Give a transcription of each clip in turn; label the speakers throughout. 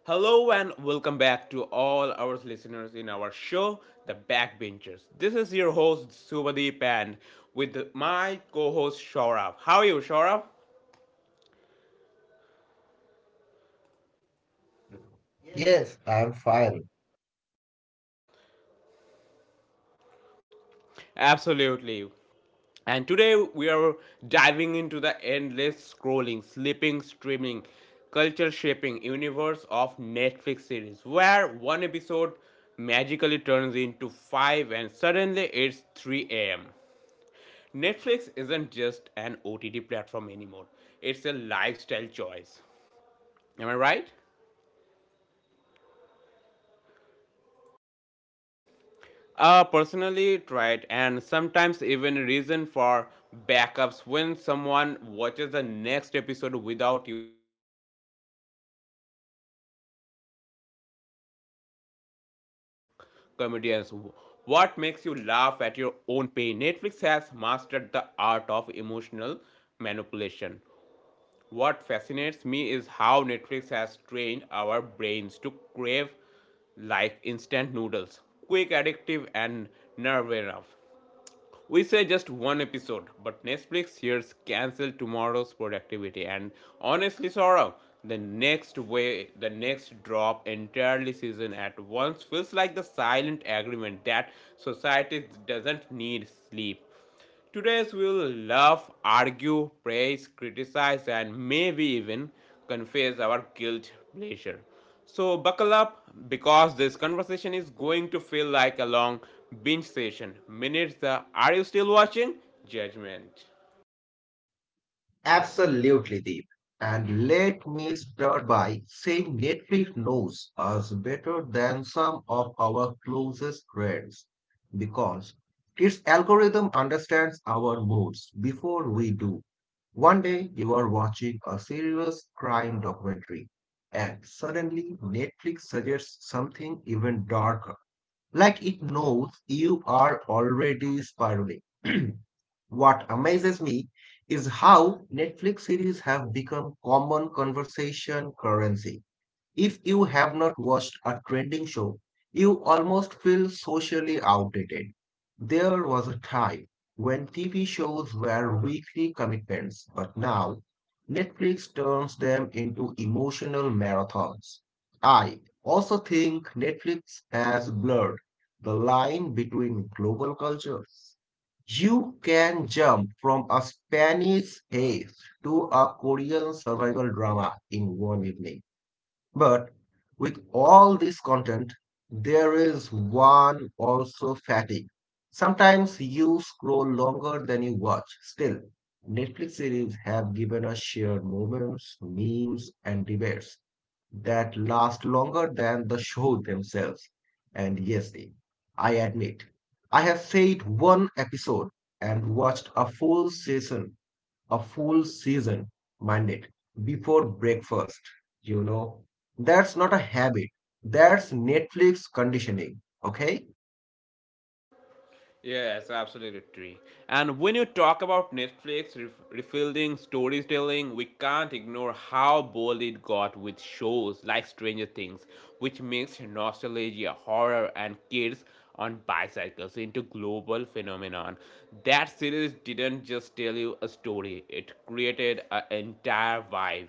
Speaker 1: Hello and welcome back to all our listeners in our show, The Backbenchers. This is your host Subhadeep and with my co-host Shaurav. How are you, Shaurav?
Speaker 2: Yes, I'm fine.
Speaker 1: Absolutely. And today we are diving into the endless scrolling, sleeping, streaming, culture shaping universe of Netflix series where one episode magically turns into 5 and suddenly it's 3 a.m. Netflix isn't just an OTT platform anymore, it's a lifestyle choice. Am I right? Personally tried and sometimes even reason for backups when someone watches the next episode without you, from serious dramas which make you question humanity to comedians what makes you laugh at your own pain. Netflix has mastered the art of emotional manipulation. What fascinates me is how Netflix has trained our brains to crave like instant noodles, quick, addictive, and nerve enough. We say just one episode, but Netflix hears cancel tomorrow's productivity. And honestly, Saurabh, the next way, the next drop entirely season at once feels like the silent agreement that society doesn't need sleep. Today's will love, argue, praise, criticize, and maybe even confess our guilt pleasure. So buckle up because this conversation is going to feel like a long binge session. Minutes the are you still watching? Judgment.
Speaker 2: Absolutely, Deep. And let me start by saying Netflix knows us better than some of our closest friends because its algorithm understands our moods before we do. One day you are watching a serious crime documentary, and suddenly Netflix suggests something even darker, like it knows you are already spiraling. What amazes me is how Netflix series have become common conversation currency. If you have not watched a trending show, you almost feel socially outdated. There was a time when TV shows were weekly commitments, but now Netflix turns them into emotional marathons. I also think Netflix has blurred the line between global cultures. You can jump from a Spanish haze to a Korean survival drama in one evening. But with all this content, there is one also fatigue. Sometimes you scroll longer than you watch. Still, Netflix series have given us shared moments, memes, and debates that last longer than the show themselves. And yes, Dave, I admit, I have saved one episode and watched a full season mandate before breakfast, you know. That's not a habit. That's Netflix conditioning, okay?
Speaker 1: Yes, absolutely, true. And when you talk about Netflix refilling storytelling, we can't ignore how bold it got with shows like Stranger Things, which mixed nostalgia, horror, and kids on bicycles into global phenomenon. That series didn't just tell you a story; it created an entire vibe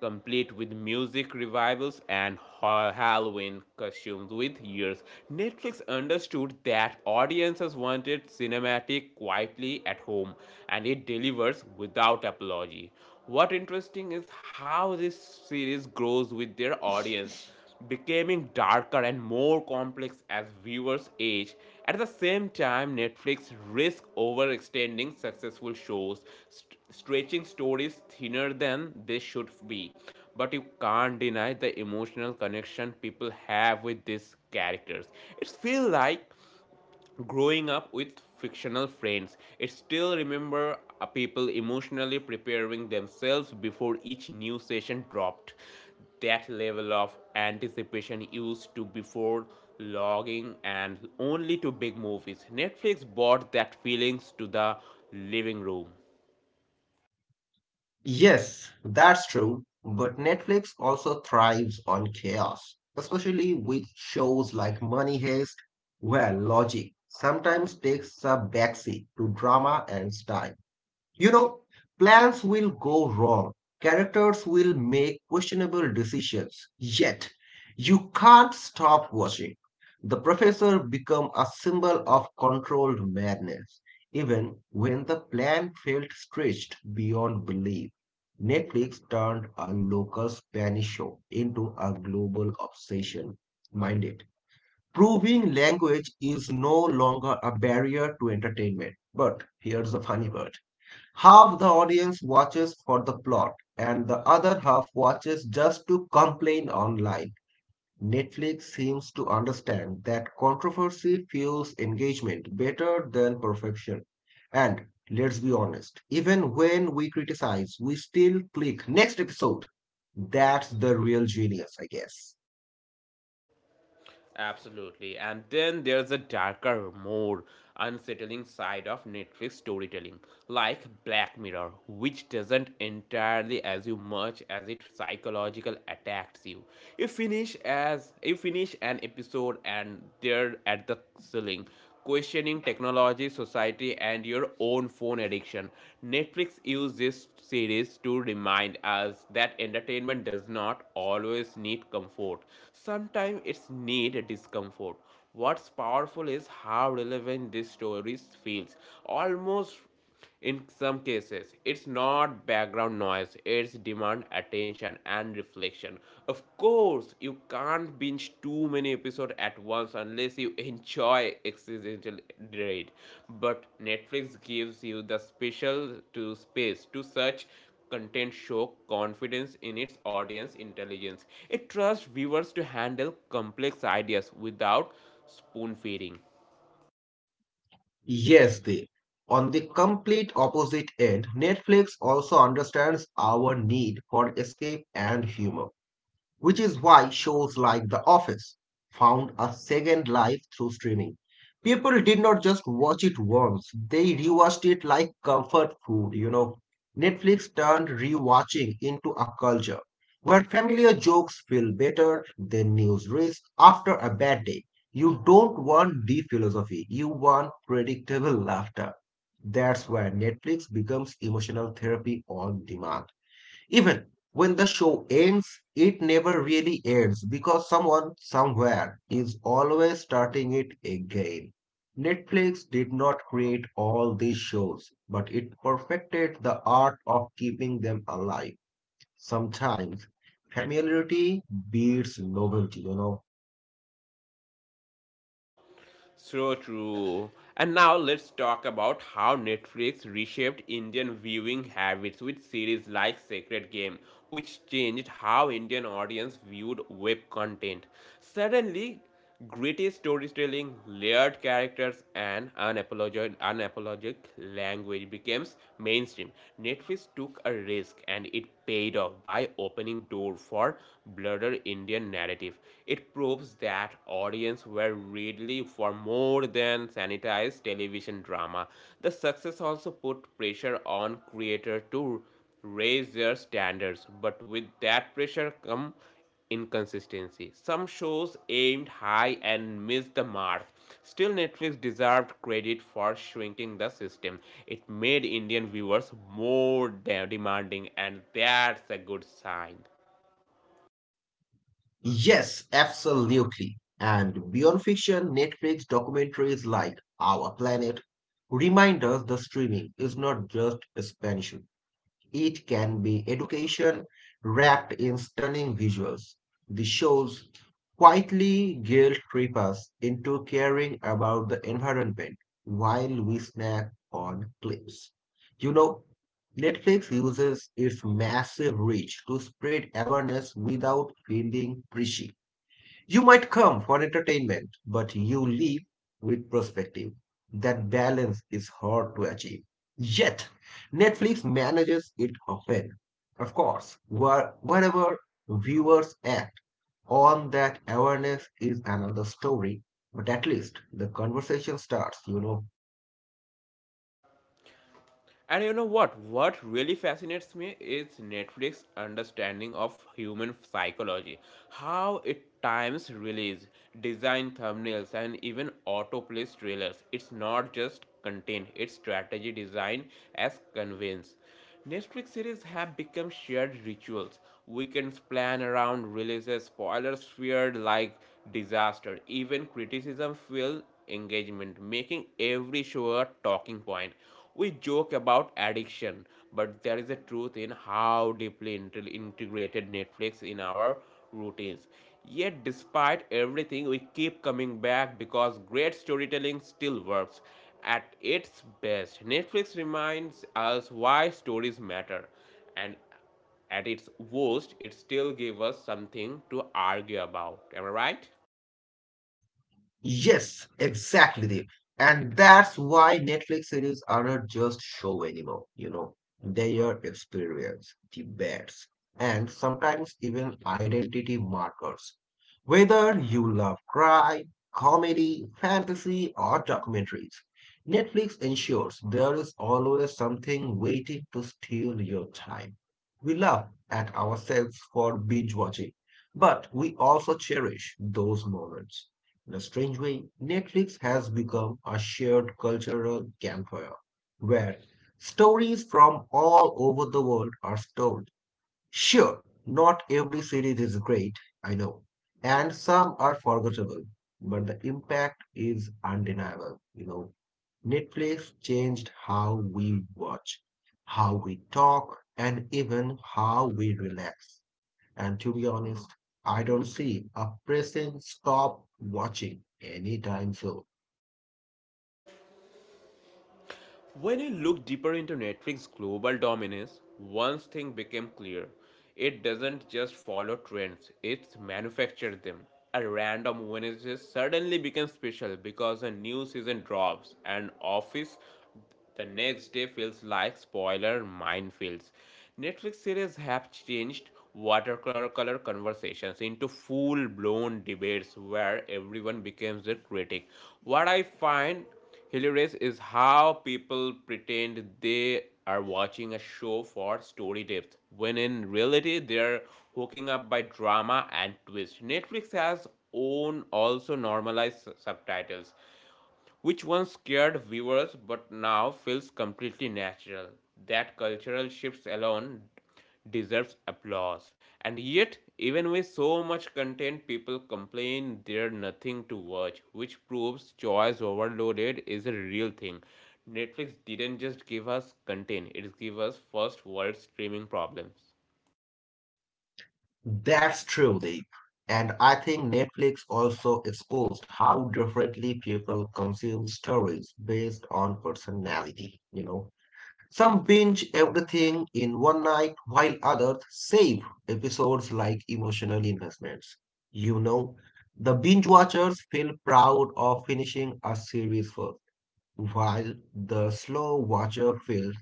Speaker 1: complete with music revivals and Halloween costumes with years. Netflix understood that audiences wanted cinematic quietly at home, and it delivers without apology. What interesting is how this series grows with their audience, becoming darker and more complex as viewers age. At the same time, Netflix risks overextending successful shows, stretching stories thinner than they should be. But you can't deny the emotional connection people have with these characters. It feels like growing up with fictional friends. It still remember people emotionally preparing themselves before each new session dropped. That level of anticipation used to before logging and only to big movies. Netflix brought that feelings to the living room.
Speaker 2: Yes, that's true, but Netflix also thrives on chaos, especially with shows like Money Heist, where logic sometimes takes a backseat to drama and style. You know, plans will go wrong. Characters will make questionable decisions. Yet, you can't stop watching. The professor become a symbol of controlled madness, even when the plan felt stretched beyond belief. Netflix turned a local Spanish show into a global obsession. Mind it. Proving language is no longer a barrier to entertainment. But here's the funny part. Half the audience watches for the plot, and the other half watches just to complain online. Netflix seems to understand that controversy fuels engagement better than perfection. And let's be honest, even when we criticize, we still click next episode. That's the real genius, I guess.
Speaker 1: Absolutely. And then there's a darker, more unsettling side of Netflix storytelling, like Black Mirror, which doesn't entirely as you much as it psychological attacks you. You finish an episode and they're at the ceiling questioning technology, society, and your own phone addiction. Netflix used this series to remind us that entertainment does not always need comfort. Sometimes it's need discomfort. What's powerful is how relevant these stories feels. Almost in some cases, it's not background noise, it's demand attention and reflection. Of course, you can't binge too many episodes at once unless you enjoy existential dread. But Netflix gives you the special to space to search content show confidence in its audience intelligence. It trusts viewers to handle complex ideas without spoon feeding.
Speaker 2: Yes, they. On the complete opposite end, Netflix also understands our need for escape and humor, which is why shows like The Office found a second life through streaming. People did not just watch it once, they rewatched it like comfort food. Netflix turned rewatching into a culture where familiar jokes feel better than news risks after a bad day. You don't want deep philosophy, you want predictable laughter. That's where Netflix becomes emotional therapy on demand. Even when the show ends, it never really ends because someone somewhere is always starting it again. Netflix did not create all these shows, but it perfected the art of keeping them alive. Sometimes familiarity beats novelty.
Speaker 1: So true. And now let's talk about how Netflix reshaped Indian viewing habits with series like Sacred Game, which changed how Indian audience viewed web content. Suddenly, gritty storytelling, layered characters, and unapologetic language became mainstream. Netflix took a risk and it paid off by opening door for broader Indian narrative. It proves that audiences were readily for more than sanitized television drama. The success also put pressure on creators to raise their standards, but with that pressure come inconsistency. Some shows aimed high and missed the mark. Still, Netflix deserved credit for shrinking the system. It made Indian viewers more demanding, and that's a good sign.
Speaker 2: Yes, absolutely. And beyond fiction, Netflix documentaries like Our Planet remind us the streaming is not just expansion. It can be education wrapped in stunning visuals. The shows quietly guilt trip us into caring about the environment while we snack on clips. You know, Netflix uses its massive reach to spread awareness without feeling preachy. You might come for entertainment, but you leave with perspective. That balance is hard to achieve. Yet, Netflix manages it often. Of course, wherever viewers act on that awareness is another story, but at least the conversation starts, you know.
Speaker 1: And you know what? What really fascinates me is Netflix's understanding of human psychology, how it times release, design thumbnails, and even autoplays trailers. It's not just content; it's strategy design as conveyance. Netflix series have become shared rituals. Weekends plan around releases, spoilers feared like disaster, even criticism fuel engagement, making every show a talking point. We joke about addiction, but there is a truth in how deeply integrated Netflix in our routines. Yet, despite everything, we keep coming back because great storytelling still works at its best. Netflix reminds us why stories matter, and at its worst, it still gives us something to argue about. Am I right?
Speaker 2: Yes, exactly, Deep. And that's why Netflix series are not just show anymore, you know. They are experience, debates, and sometimes even identity markers. Whether you love crime, comedy, fantasy, or documentaries, Netflix ensures there is always something waiting to steal your time. We laugh at ourselves for binge watching, but we also cherish those moments. In a strange way, Netflix has become a shared cultural campfire where stories from all over the world are told. Sure, not every series is great, I know, and some are forgettable, but the impact is undeniable, you know. Netflix changed how we watch, how we talk, and even how we relax. And to be honest, I don't see a pressing stop watching anytime soon.
Speaker 1: When you look deeper into Netflix's global dominance, one thing became clear. It doesn't just follow trends, it manufactures them. A random Wednesday suddenly becomes special because a new season drops, and Office the next day feels like spoiler minefields. Netflix series have changed watercolor conversations into full blown debates where everyone becomes a critic. What I find hilarious is how people pretend they are watching a show for story depth, when in reality they're hooking up by drama and twist. Netflix has own also normalized subtitles, which once scared viewers but now feels completely natural. That cultural shifts alone deserves applause. And yet, even with so much content, people complain there's nothing to watch, which proves choice overloaded is a real thing. Netflix didn't just give us content, it gave us first world streaming problems.
Speaker 2: That's true, Deep. And I think Netflix also exposed how differently people consume stories based on personality, you know. Some binge everything in one night, while others save episodes like emotional investments. You know, the binge watchers feel proud of finishing a series first while the slow watcher feels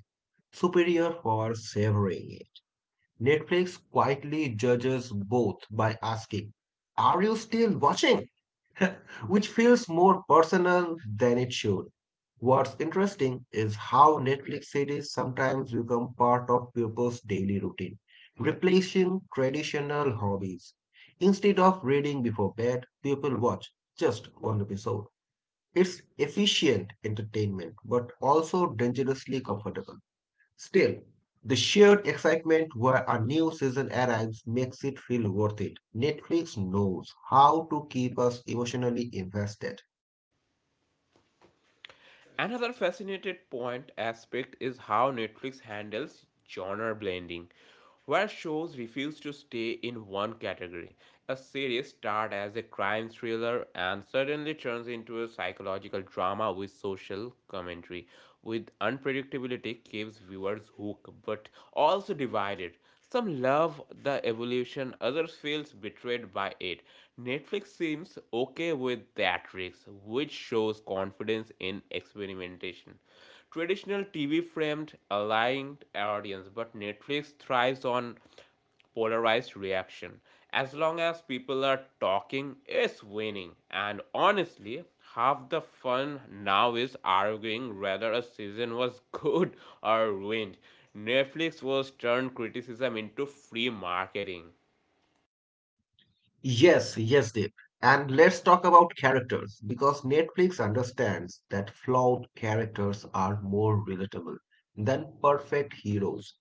Speaker 2: superior for savoring it. Netflix quietly judges both by asking, are you still watching? Which feels more personal than it should. What's interesting is how Netflix series sometimes become part of people's daily routine, replacing traditional hobbies. Instead of reading before bed, people watch just one episode. It's efficient entertainment, but also dangerously comfortable. Still, the shared excitement where a new season arrives makes it feel worth it. Netflix knows how to keep us emotionally invested.
Speaker 1: Another fascinating point aspect is how Netflix handles genre blending, where shows refuse to stay in one category. A series starts as a crime thriller and suddenly turns into a psychological drama with social commentary, with unpredictability keeps viewers hooked but also divided. Some love the evolution, others feels betrayed by it. Netflix seems okay with that risk, which shows confidence in experimentation. Traditional TV framed a lying audience, but Netflix thrives on polarized reaction. As long as people are talking, it's winning. And honestly, half the fun now is arguing whether a season was good or ruined. Netflix was turned criticism into free marketing.
Speaker 2: Yes, Deep. And let's talk about characters because Netflix understands that flawed characters are more relatable than perfect heroes.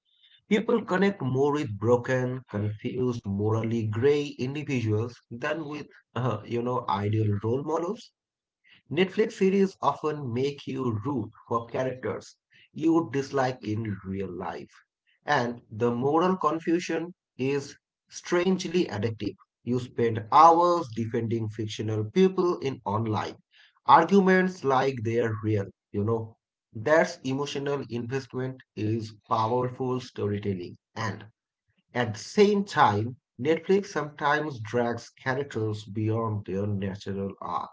Speaker 2: People connect more with broken, confused, morally gray individuals than with, you know, ideal role models. Netflix series often make you root for characters you would dislike in real life. And the moral confusion is strangely addictive. You spend hours defending fictional people in online arguments like they're real, you know. That's emotional investment is powerful storytelling. And at the same time, Netflix sometimes drags characters beyond their natural arc.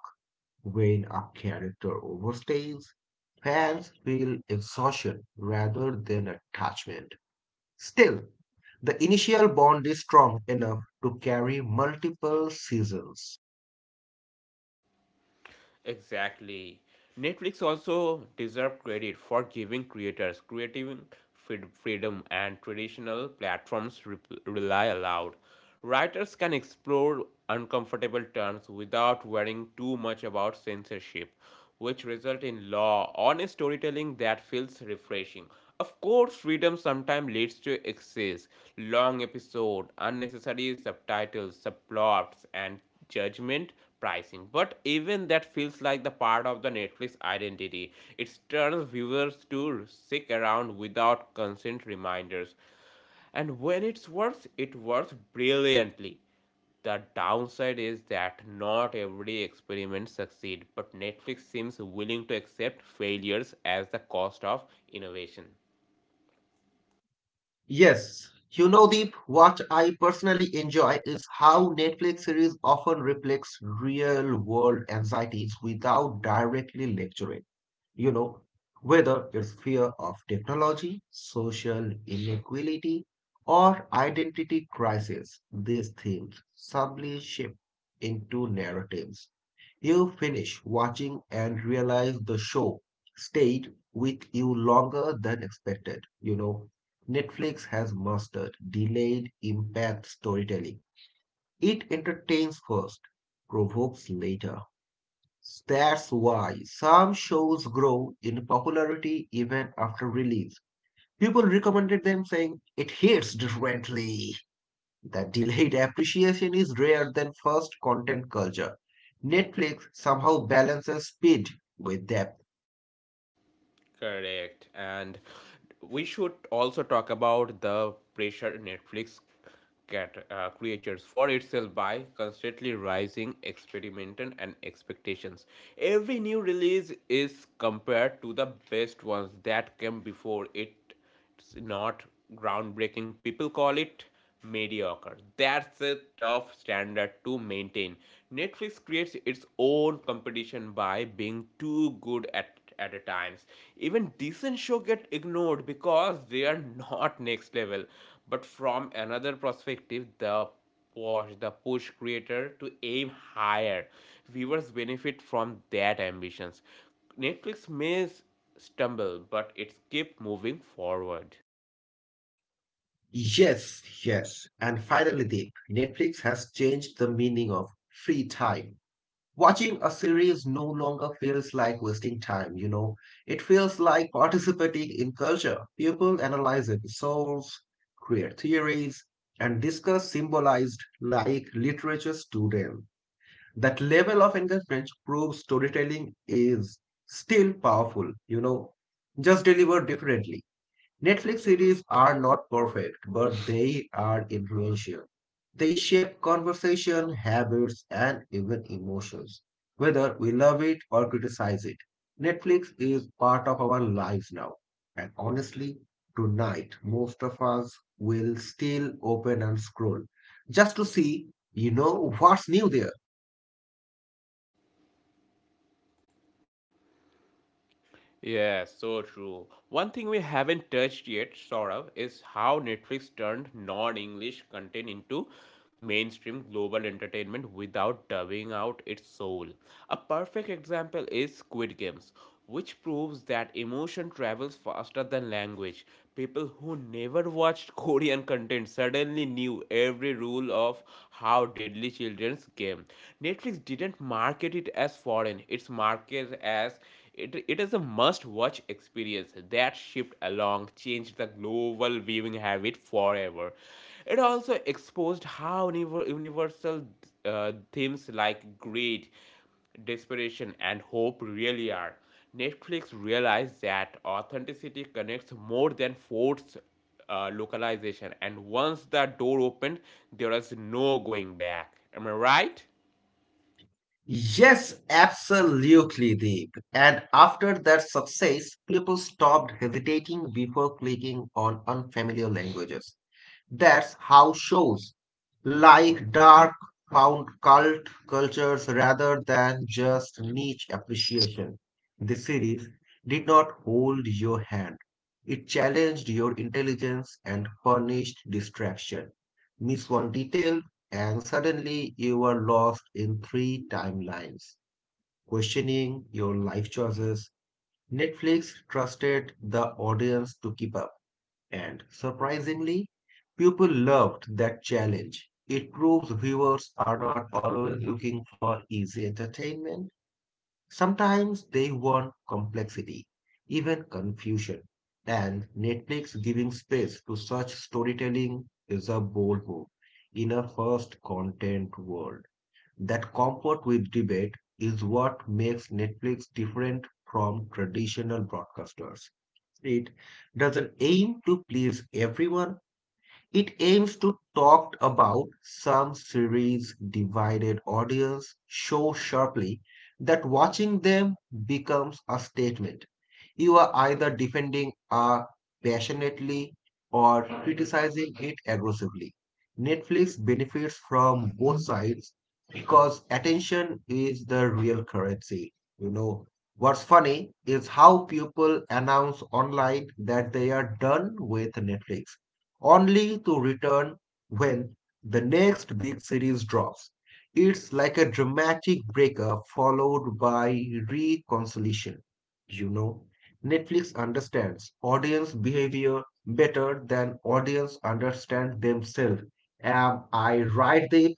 Speaker 2: When a character overstays, fans feel exhaustion rather than attachment. Still, the initial bond is strong enough to carry multiple seasons.
Speaker 1: Exactly. Netflix also deserve credit for giving creators creative freedom and traditional platforms rely allowed. Writers can explore uncomfortable terms without worrying too much about censorship, which result in law honest storytelling that feels refreshing. Of course, freedom sometimes leads to excess, long episode, unnecessary subtitles, subplots, and judgment pricing. But even that feels like the part of the Netflix identity. It turns viewers to stick around without constant reminders. And when it works brilliantly. The downside is that not every experiment succeeds, but Netflix seems willing to accept failures as the cost of innovation.
Speaker 2: Yes, you know, Deep, what I personally enjoy is how Netflix series often reflects real world anxieties without directly lecturing. You know, whether it's fear of technology, social inequality, or identity crisis, these themes subtly shift into narratives. You finish watching and realize the show stayed with you longer than expected. You know, Netflix has mastered delayed impact storytelling. It entertains first, provokes later. That's why some shows grow in popularity even after release. People recommended them saying it hits differently. That delayed appreciation is rare than first content culture. Netflix somehow balances speed with depth.
Speaker 1: Correct. And we should also talk about the pressure Netflix creatures for itself by constantly rising experimental and expectations. Every new release is compared to the best ones that came before it. It's not groundbreaking. People call it mediocre. That's a tough standard to maintain. Netflix creates its own competition by being too good at a times. Even decent show get ignored because they are not next level. But from another perspective, the push creator to aim higher. Viewers benefit from that ambitions. Netflix may stumble, but it's keep moving forward.
Speaker 2: Yes. And finally, Deep, Netflix has changed the meaning of free time. Watching a series no longer feels like wasting time, you know. It feels like participating in culture. People analyze episodes, create theories, and discuss symbolized like literature students. That level of engagement proves storytelling is still powerful, you know, just delivered differently. Netflix series are not perfect, but they are influential. They shape conversation, habits, and even emotions, whether we love it or criticize it. Netflix is part of our lives now. And honestly, tonight, most of us will still open and scroll just to see, you know, what's new there.
Speaker 1: Yeah, so true. One thing we haven't touched yet, Saurav, is how Netflix turned non English content into mainstream global entertainment without dubbing out its soul. A perfect example is Squid Games, which proves that emotion travels faster than language. People who never watched Korean content suddenly knew every rule of how deadly children's game. Netflix didn't market it as foreign, it's marketed as it is a must watch experience. That shift along changed the global viewing habit forever. It also exposed how universal themes like greed, desperation, and hope really are. Netflix realized that authenticity connects more than force localization, and once that door opened, there is no going back. Am I right?
Speaker 2: Yes, absolutely, Deep. And after that success, people stopped hesitating before clicking on unfamiliar languages. That's how shows like dark found cult cultures rather than just niche appreciation. The series did not hold your hand. It challenged your intelligence and furnished distraction. Miss one detail, and suddenly you are lost in three timelines, questioning your life choices. Netflix trusted the audience to keep up and surprisingly, people loved that challenge. It proves viewers are not always looking for easy entertainment. Sometimes they want complexity, even confusion. And Netflix giving space to such storytelling is a bold move in a first content world. That comfort with debate is what makes Netflix different from traditional broadcasters. Street doesn't aim to please everyone, it aims to talk about some series divided audience so sharply that watching them becomes a statement. You are either defending a passionately or criticizing it aggressively. Netflix benefits from both sides because attention is the real currency. You know, what's funny is how people announce online that they are done with Netflix only to return when the next big series drops. It's like a dramatic breakup followed by reconciliation. You know, Netflix understands audience behavior better than audience understand themselves. Am I right, Dave?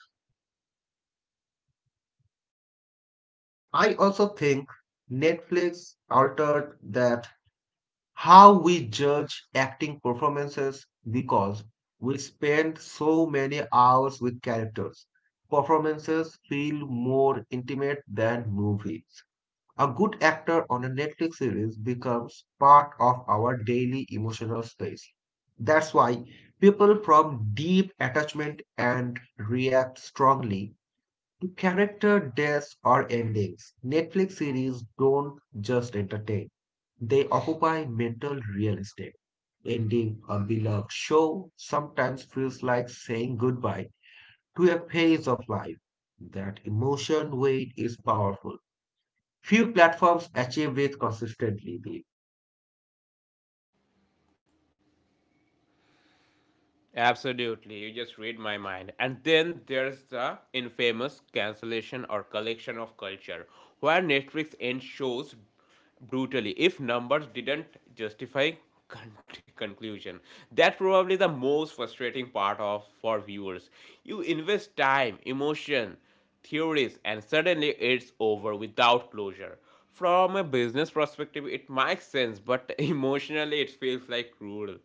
Speaker 2: I also think Netflix altered that how we judge acting performances because we spend so many hours with characters. Performances feel more intimate than movies. A good actor on a Netflix series becomes part of our daily emotional space. That's why people from deep attachment and react strongly to character deaths or endings. Netflix series don't just entertain, they occupy mental real estate. Ending a beloved show sometimes feels like saying goodbye to a phase of life. That emotion weight is powerful. Few platforms achieve it consistently, Deep.
Speaker 1: Absolutely, you just read my mind. And then there's the infamous cancellation or collection of culture, where Netflix ends shows brutally if numbers didn't justify con- conclusion. That's probably the most frustrating part of for viewers. You invest time, emotion, theories, and suddenly it's over without closure. From a business perspective, it makes sense, but emotionally, it feels like cruel.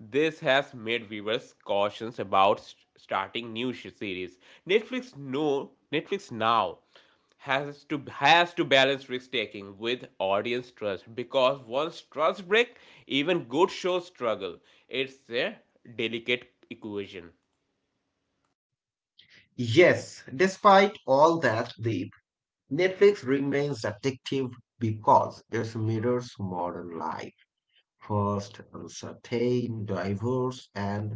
Speaker 1: This has made viewers cautious about starting new series. Netflix no, Netflix now has to balance risk taking with audience trust because once trust breaks, even good shows struggle. It's a delicate equation.
Speaker 2: Yes, despite all that, Deep, Netflix remains addictive because it mirrors modern life. First, uncertain, diverse, and,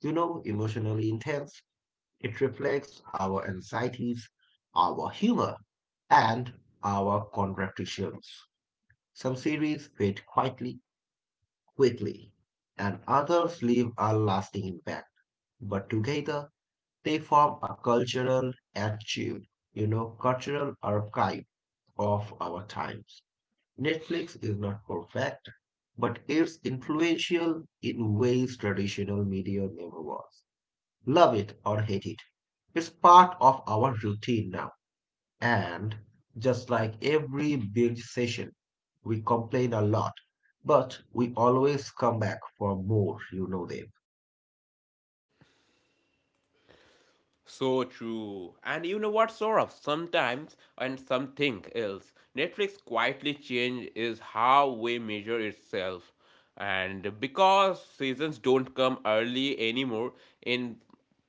Speaker 2: you know, emotionally intense. It reflects our anxieties, our humor, and our contradictions. Some series fade quickly, and others leave a lasting impact. But together, they form a cultural archive, you know, cultural archive of our times. Netflix is not perfect, but it's influential in ways traditional media never was. Love it or hate it. It's part of our routine now. And just like every build session, we complain a lot, but we always come back for more, you know them.
Speaker 1: So true. And you know what, Saurabh? Sometimes and something else, Netflix quietly change is how we measure itself. And because seasons don't come early anymore in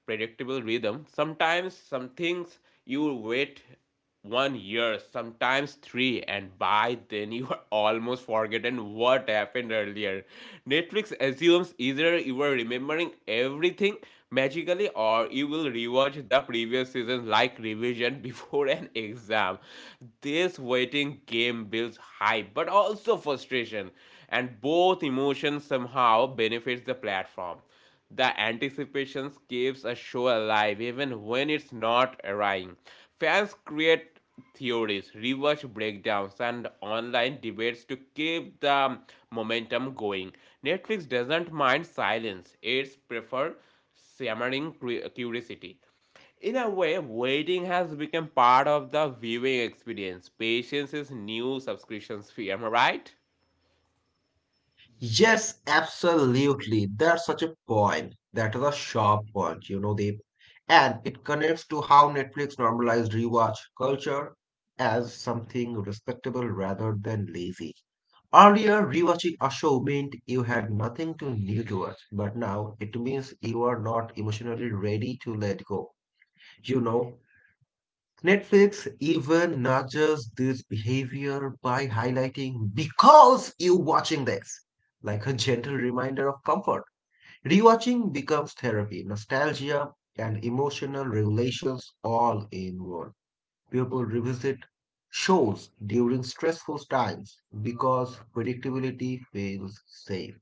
Speaker 1: predictable rhythm, sometimes some things you wait 1 year, sometimes three, and by then you are almost forgotten what happened earlier. Netflix assumes either you were remembering everything magically or you will rewatch the previous season like revision before an exam. This waiting game builds hype but also frustration, and both emotions somehow benefits the platform. The anticipation keeps a show alive even when it's not arriving. Fans create theories, reverse breakdowns, and online debates to keep the momentum going. Netflix doesn't mind silence, it's prefer simmering curiosity. In a way, waiting has become part of the viewing experience. Patience is new subscriptions fee, am I right?
Speaker 2: Yes, absolutely. That's such a point. That is a sharp point, you know, Deep. And it connects to how Netflix normalized rewatch culture as something respectable rather than lazy. Earlier, rewatching a show meant you had nothing to new to watch, but now it means you are not emotionally ready to let go. You know, Netflix even nudges this behavior by highlighting because you're watching this, like a gentle reminder of comfort. Rewatching becomes therapy, nostalgia, and emotional regulations all in one. People revisit shows during stressful times because predictability feels safe.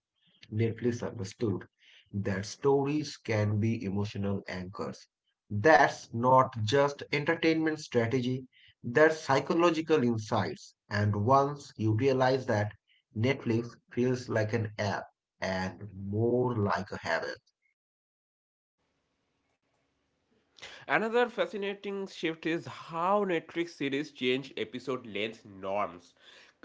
Speaker 2: Netflix understood that stories can be emotional anchors. That's not just entertainment strategy, that's psychological insights. And once you realize that, Netflix feels like an app and more like a habit.
Speaker 1: Another fascinating shift is how Netflix series change episode length norms,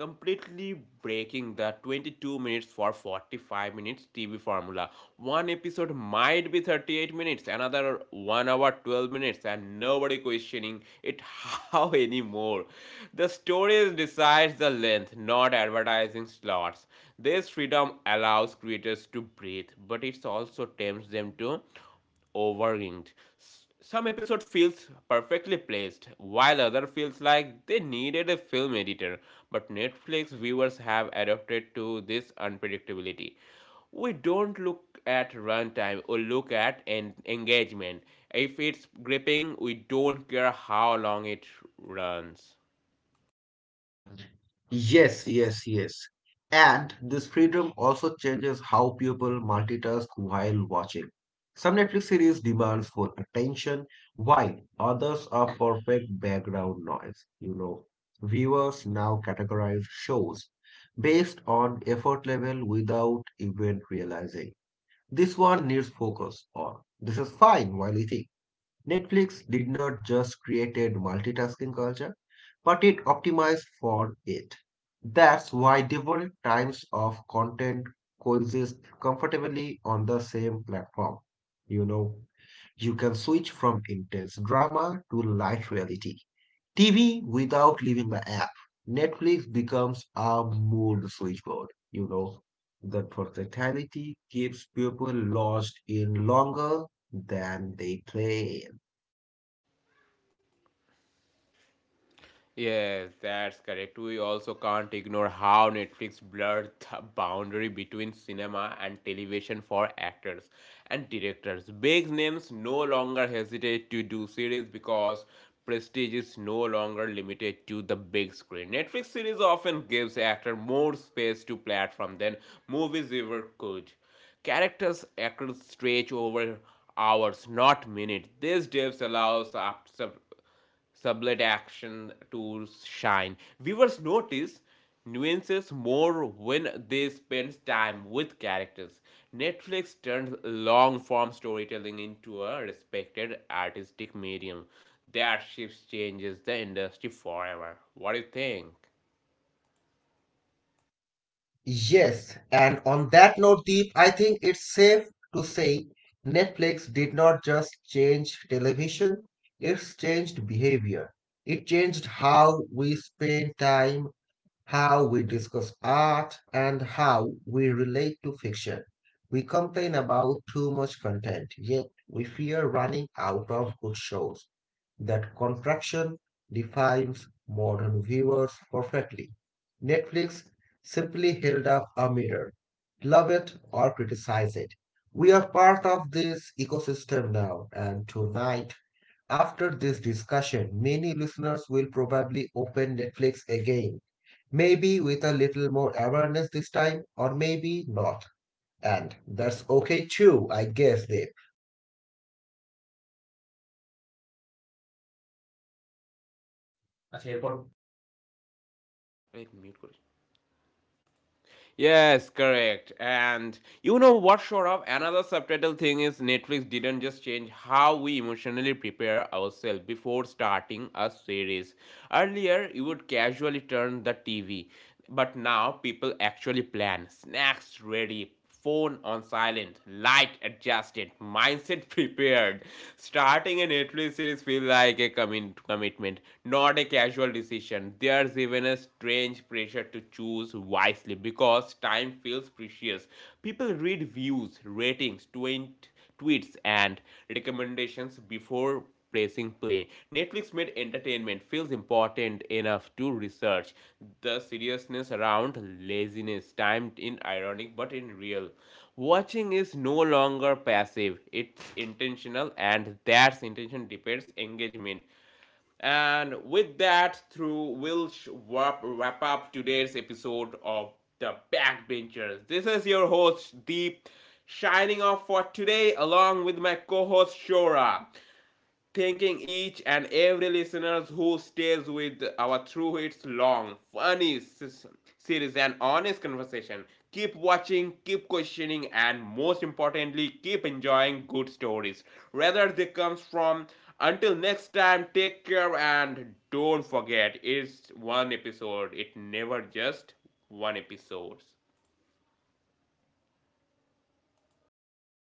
Speaker 1: completely breaking the 22 minutes for 45 minutes TV formula. One episode might be 38 minutes, another 1 hour 12 minutes, and nobody questioning it how anymore. The stories decides the length, not advertising slots. This freedom allows creators to breathe, but it also tempts them to overwhelmed. Some episode feels perfectly placed, while other feels like they needed a film editor. But Netflix viewers have adapted to this unpredictability. We don't look at runtime or look at engagement. If it's gripping, we don't care how long it runs.
Speaker 2: Yes. And this freedom also changes how people multitask while watching. Some Netflix series demands full attention, while others are perfect background noise. You know, viewers now categorize shows based on effort level without even realizing. This one needs focus, or this is fine while eating. Netflix did not just create a multitasking culture, but it optimized for it. That's why different types of content coexist comfortably on the same platform. You know, you can switch from intense drama to light reality TV without leaving the app. Netflix becomes a mood switchboard. You know, that versatility keeps people lodged in longer than they play.
Speaker 1: Yes, that's correct. We also can't ignore how Netflix blurred the boundary between cinema and television for actors and directors. Big names no longer hesitate to do series because prestige is no longer limited to the big screen. Netflix series often gives actors more space to platform than movies ever could. Characters actors stretch over hours, not minutes. This depth allows sublet action to shine. Viewers notice nuances more when they spend time with characters. Netflix turns long form storytelling into a respected artistic medium. That shift changes the industry forever. What do you think?
Speaker 2: Yes, and on that note, Deep, I think it's safe to say Netflix did not just change television, it's changed behavior. It changed how we spend time, how we discuss art, and how we relate to fiction. We complain about too much content, yet we fear running out of good shows. That contraction defines modern viewers perfectly. Netflix simply held up a mirror. Love it or criticize it. We are part of this ecosystem now, and tonight, after this discussion, many listeners will probably open Netflix again. Maybe with a little more awareness this time, or maybe not. And that's okay too, I guess, Dave. আচ্ছা এরপর
Speaker 1: अरे, mute करो। Yes, correct. And you know what, Saurabh? Another subtitle thing is Netflix didn't just change how we emotionally prepare ourselves before starting a series. Earlier, you would casually turn the TV, but now people actually plan snacks ready, phone on silent, light adjusted, mindset prepared. Starting a Netflix series feels like a commitment, not a casual decision. There's even a strange pressure to choose wisely because time feels precious. People read views, ratings, 20 tweets, and recommendations before pressing play. Netflix made entertainment feels important enough to research the seriousness around laziness, timed in ironic but in real. Watching is no longer passive, it's intentional, and that intention depends engagement. And with that, through we'll wrap up today's episode of The Backbenchers. This is your host Deep, shining off for today along with my co-host Shora, thanking each and every listeners who stays with our through its long funny series and honest conversation. Keep watching, keep questioning, and most importantly keep enjoying good stories whether they comes from, until next time take care and don't forget it's one episode, it never just one episode.